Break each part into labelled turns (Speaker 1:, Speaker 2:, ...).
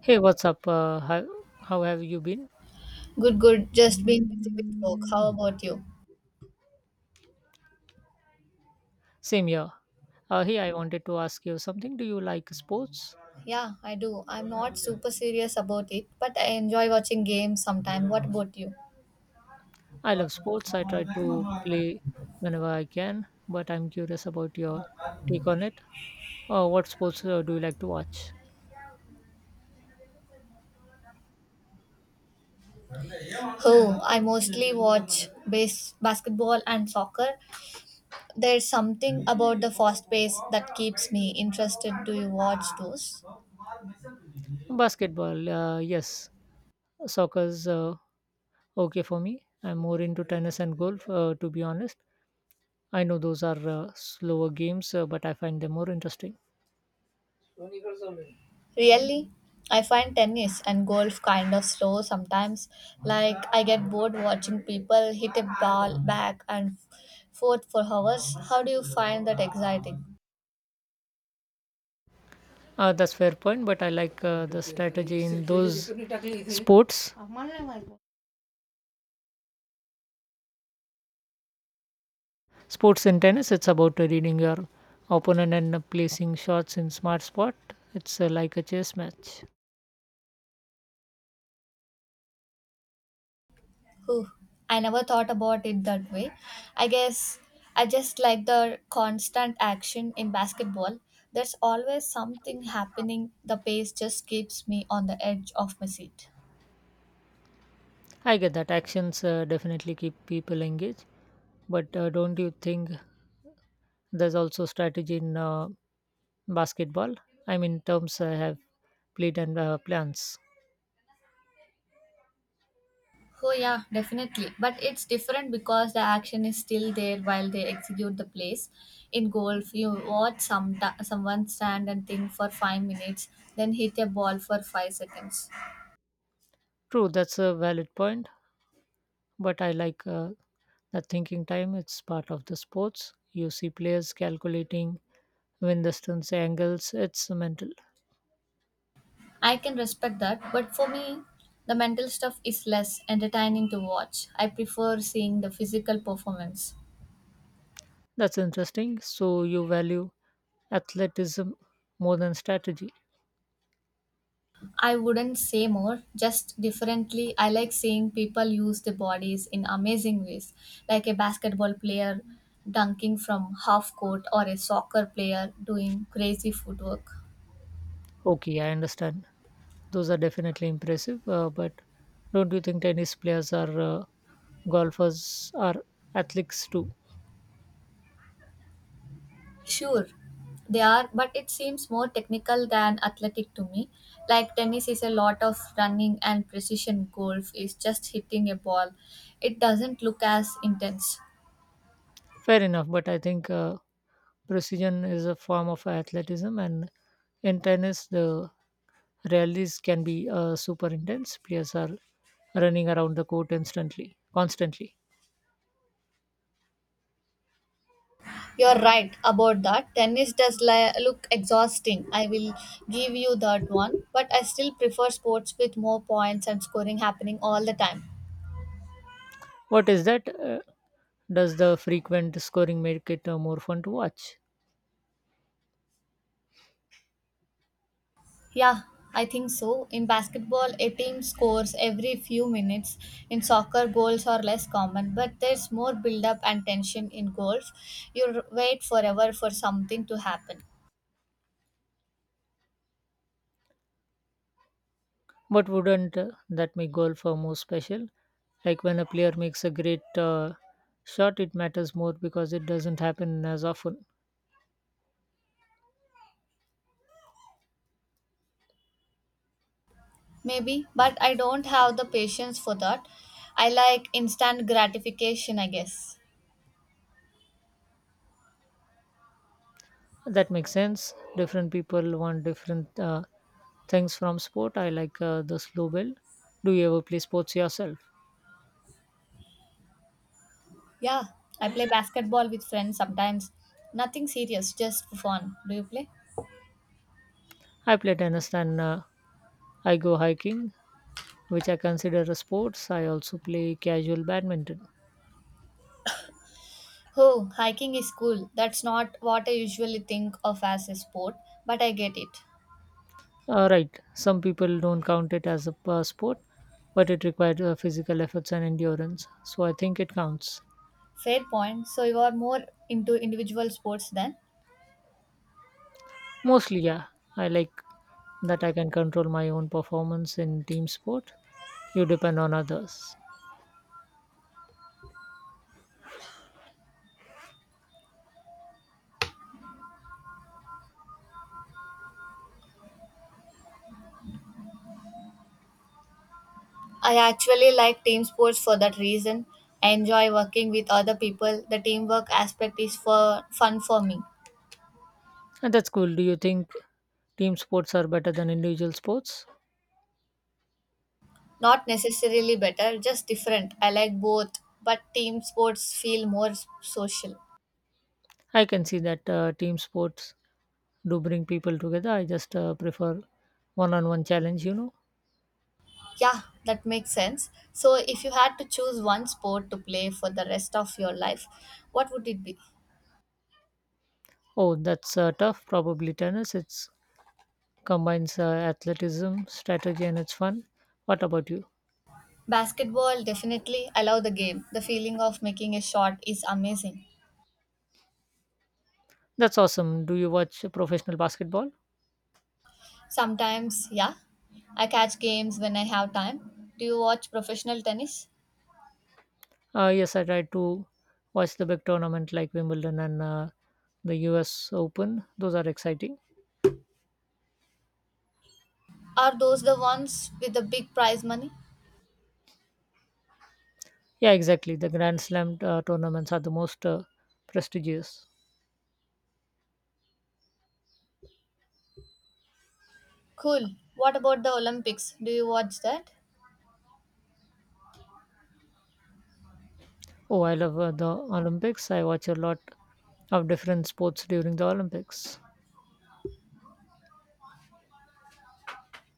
Speaker 1: Hey, what's up? How how have you been?
Speaker 2: Good, good. Just been busy with work. How about you?
Speaker 1: Same here. Hey, I wanted to ask you something. Do you like sports?
Speaker 2: Yeah, I do. I'm not super serious about it, but I enjoy watching games sometime. What about you?
Speaker 1: I love sports. I try to play whenever I can, but I'm curious about your take on it. What sports do you like to watch?
Speaker 2: Oh, I mostly watch base basketball and soccer. There's something about the fast pace that keeps me interested. Do you watch those?
Speaker 1: Basketball, yes. Soccer's okay for me. I'm more into tennis and golf, to be honest. I know those are slower games, but I find them more interesting.
Speaker 2: Really, I find tennis and golf kind of slow sometimes. Like, I get bored watching people hit a ball back and forth for hours. How do you find that exciting?
Speaker 1: That's fair point, but I like the strategy in those sports. Sports in tennis, it's about reading your opponent and placing shots in smart spot. It's like a chess match.
Speaker 2: Whew, I never thought about it that way. I guess I just like the constant action in basketball. There's always something happening. The pace just keeps me on the edge of my seat.
Speaker 1: I get that actions definitely keep people engaged, but don't you think there's also strategy in basketball? I mean, terms I have played and plans.
Speaker 2: Oh yeah, definitely. But it's different because the action is still there while they execute the plays. In golf, you watch someone stand and think for 5 minutes, then hit a ball for 5 seconds.
Speaker 1: True, that's a valid point. But I like the thinking time. It's part of the sports. You see players calculating wind distance, angles. It's mental.
Speaker 2: I can respect that, but for me, the mental stuff is less entertaining to watch. I prefer seeing the physical performance.
Speaker 1: That's interesting. So you value athleticism more than strategy.
Speaker 2: I wouldn't say more, just differently. I like seeing people use their bodies in amazing ways, like a basketball player dunking from half court or a soccer player doing crazy footwork.
Speaker 1: Okay, I understand. Those are definitely impressive, but don't you think tennis players are golfers are athletes too?
Speaker 2: Sure, they are, but it seems more technical than athletic to me. Like tennis is a lot of running and precision golf is just hitting a ball. It doesn't look as intense.
Speaker 1: Fair enough, but I think precision is a form of athleticism, and in tennis, the rallies can be super intense. Players are running around the court instantly, constantly.
Speaker 2: You're right about that. Tennis does look exhausting. I will give you that one. But I still prefer sports with more points and scoring happening all the time.
Speaker 1: What is that? Does the frequent scoring make it more fun to watch?
Speaker 2: Yeah, I think so. In basketball, a team scores every few minutes. In soccer, goals are less common, but there's more build up and tension in goals. You wait forever for something to happen.
Speaker 1: But wouldn't that make golf more special? Like when a player makes a great shot, it matters more because it doesn't happen as often.
Speaker 2: Maybe, but I don't have the patience for that. I like instant gratification, I guess.
Speaker 1: That makes sense. Different people want different things from sport. I like the slow build. Do you ever play sports yourself?
Speaker 2: Yeah, I play basketball with friends sometimes. Nothing serious, just for fun. Do you play?
Speaker 1: I play tennis and I go hiking, which I consider a sports. I also play casual badminton.
Speaker 2: Oh, hiking is cool. That's not what I usually think of as a sport, but I get it.
Speaker 1: All right, some people don't count it as a sport, but it requires physical efforts and endurance. So I think it counts.
Speaker 2: Fair point. So you are more into individual sports then?
Speaker 1: Mostly, yeah. I like that I can control my own performance in team sport. You depend on others.
Speaker 2: I actually like team sports for that reason. I enjoy working with other people. The teamwork aspect is for fun for me.
Speaker 1: And that's cool. Do you think team sports are better than individual sports?
Speaker 2: Not necessarily better, just different. I like both, but team sports feel more social.
Speaker 1: I can see that team sports do bring people together. I just prefer one-on-one challenge, you know.
Speaker 2: Yeah, that makes sense. So, if you had to choose one sport to play for the rest of your life, what would it be?
Speaker 1: Oh, that's tough. Probably tennis. It's combines athleticism, strategy, and it's fun. What about you?
Speaker 2: Basketball, definitely. I love the game. The feeling of making a shot is amazing.
Speaker 1: That's awesome. Do you watch professional basketball?
Speaker 2: Sometimes, yeah, I catch games when I have time. Do you watch professional tennis?
Speaker 1: Yes, I try to watch the big tournament like Wimbledon and the U.S. Open. Those are exciting.
Speaker 2: Are those the ones with the big prize money?
Speaker 1: Yeah, exactly. The Grand Slam tournaments are the most prestigious.
Speaker 2: Cool. What about the Olympics? Do you watch that?
Speaker 1: Oh, I love the Olympics. I watch a lot of different sports during the Olympics.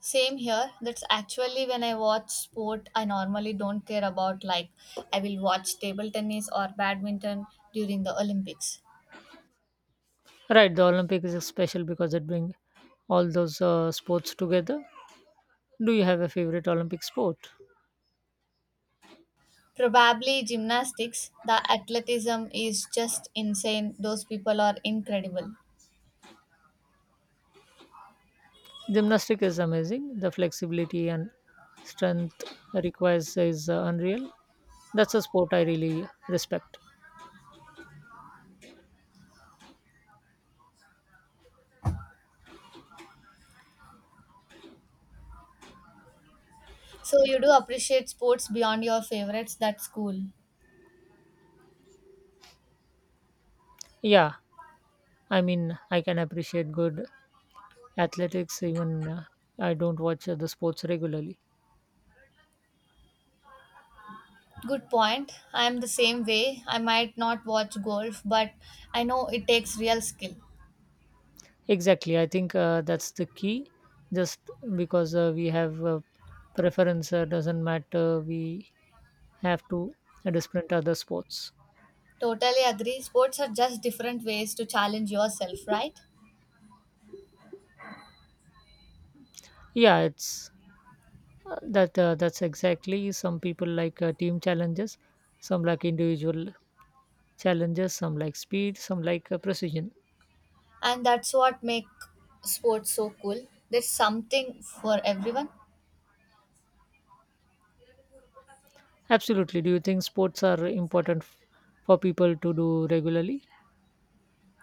Speaker 2: Same here. That's actually when I watch sport I normally don't care about. Like, I will watch table tennis or badminton during the Olympics.
Speaker 1: Right, the Olympics is special because it brings all those sports together. Do you have a favorite Olympic sport?
Speaker 2: Probably gymnastics. The athleticism is just insane. Those people are incredible.
Speaker 1: Gymnastics is amazing. The flexibility and strength requires is unreal. That's a sport I really respect.
Speaker 2: So, you do appreciate sports beyond your favorites. That's cool.
Speaker 1: Yeah, I mean, I can appreciate good athletics even I don't watch the sports regularly.
Speaker 2: Good point. I am the same way. I might not watch golf, but I know it takes real skill.
Speaker 1: Exactly. I think that's the key. Just because we have preference doesn't matter. We have to disprint other sports.
Speaker 2: Totally agree. Sports are just different ways to challenge yourself, right?
Speaker 1: Yeah, it's that's exactly. Some people like team challenges. Some like individual challenges. Some like speed. Some like precision.
Speaker 2: And that's what make sports so cool. There's something for everyone.
Speaker 1: Absolutely. Do you think sports are important for people to do regularly?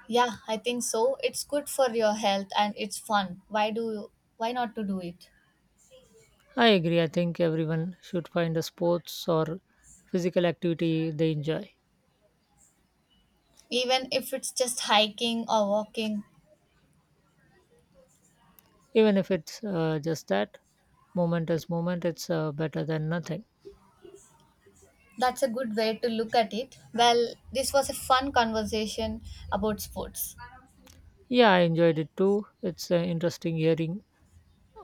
Speaker 2: Yeah, I think so. It's good for your health and it's fun. Why do you, why not to do it?
Speaker 1: I agree. I think everyone should find a sports or physical activity they enjoy.
Speaker 2: Even if it's just hiking or walking.
Speaker 1: Even if it's just that moment as moment it's better than nothing.
Speaker 2: That's a good way to look at it. Well, this was a fun conversation about sports.
Speaker 1: Yeah, I enjoyed it too. It's interesting hearing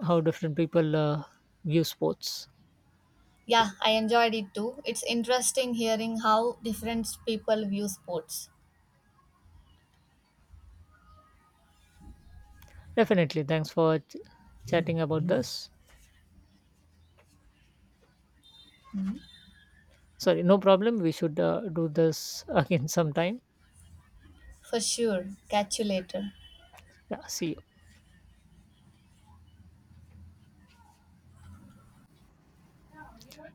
Speaker 1: how different people view sports.
Speaker 2: Yeah, I enjoyed it too. It's interesting hearing how different people view sports.
Speaker 1: Definitely, thanks for chatting about this.
Speaker 2: Mhm.
Speaker 1: Sorry, no problem, we should do this again sometime.
Speaker 2: For sure. Catch you later.
Speaker 1: Yeah, see you.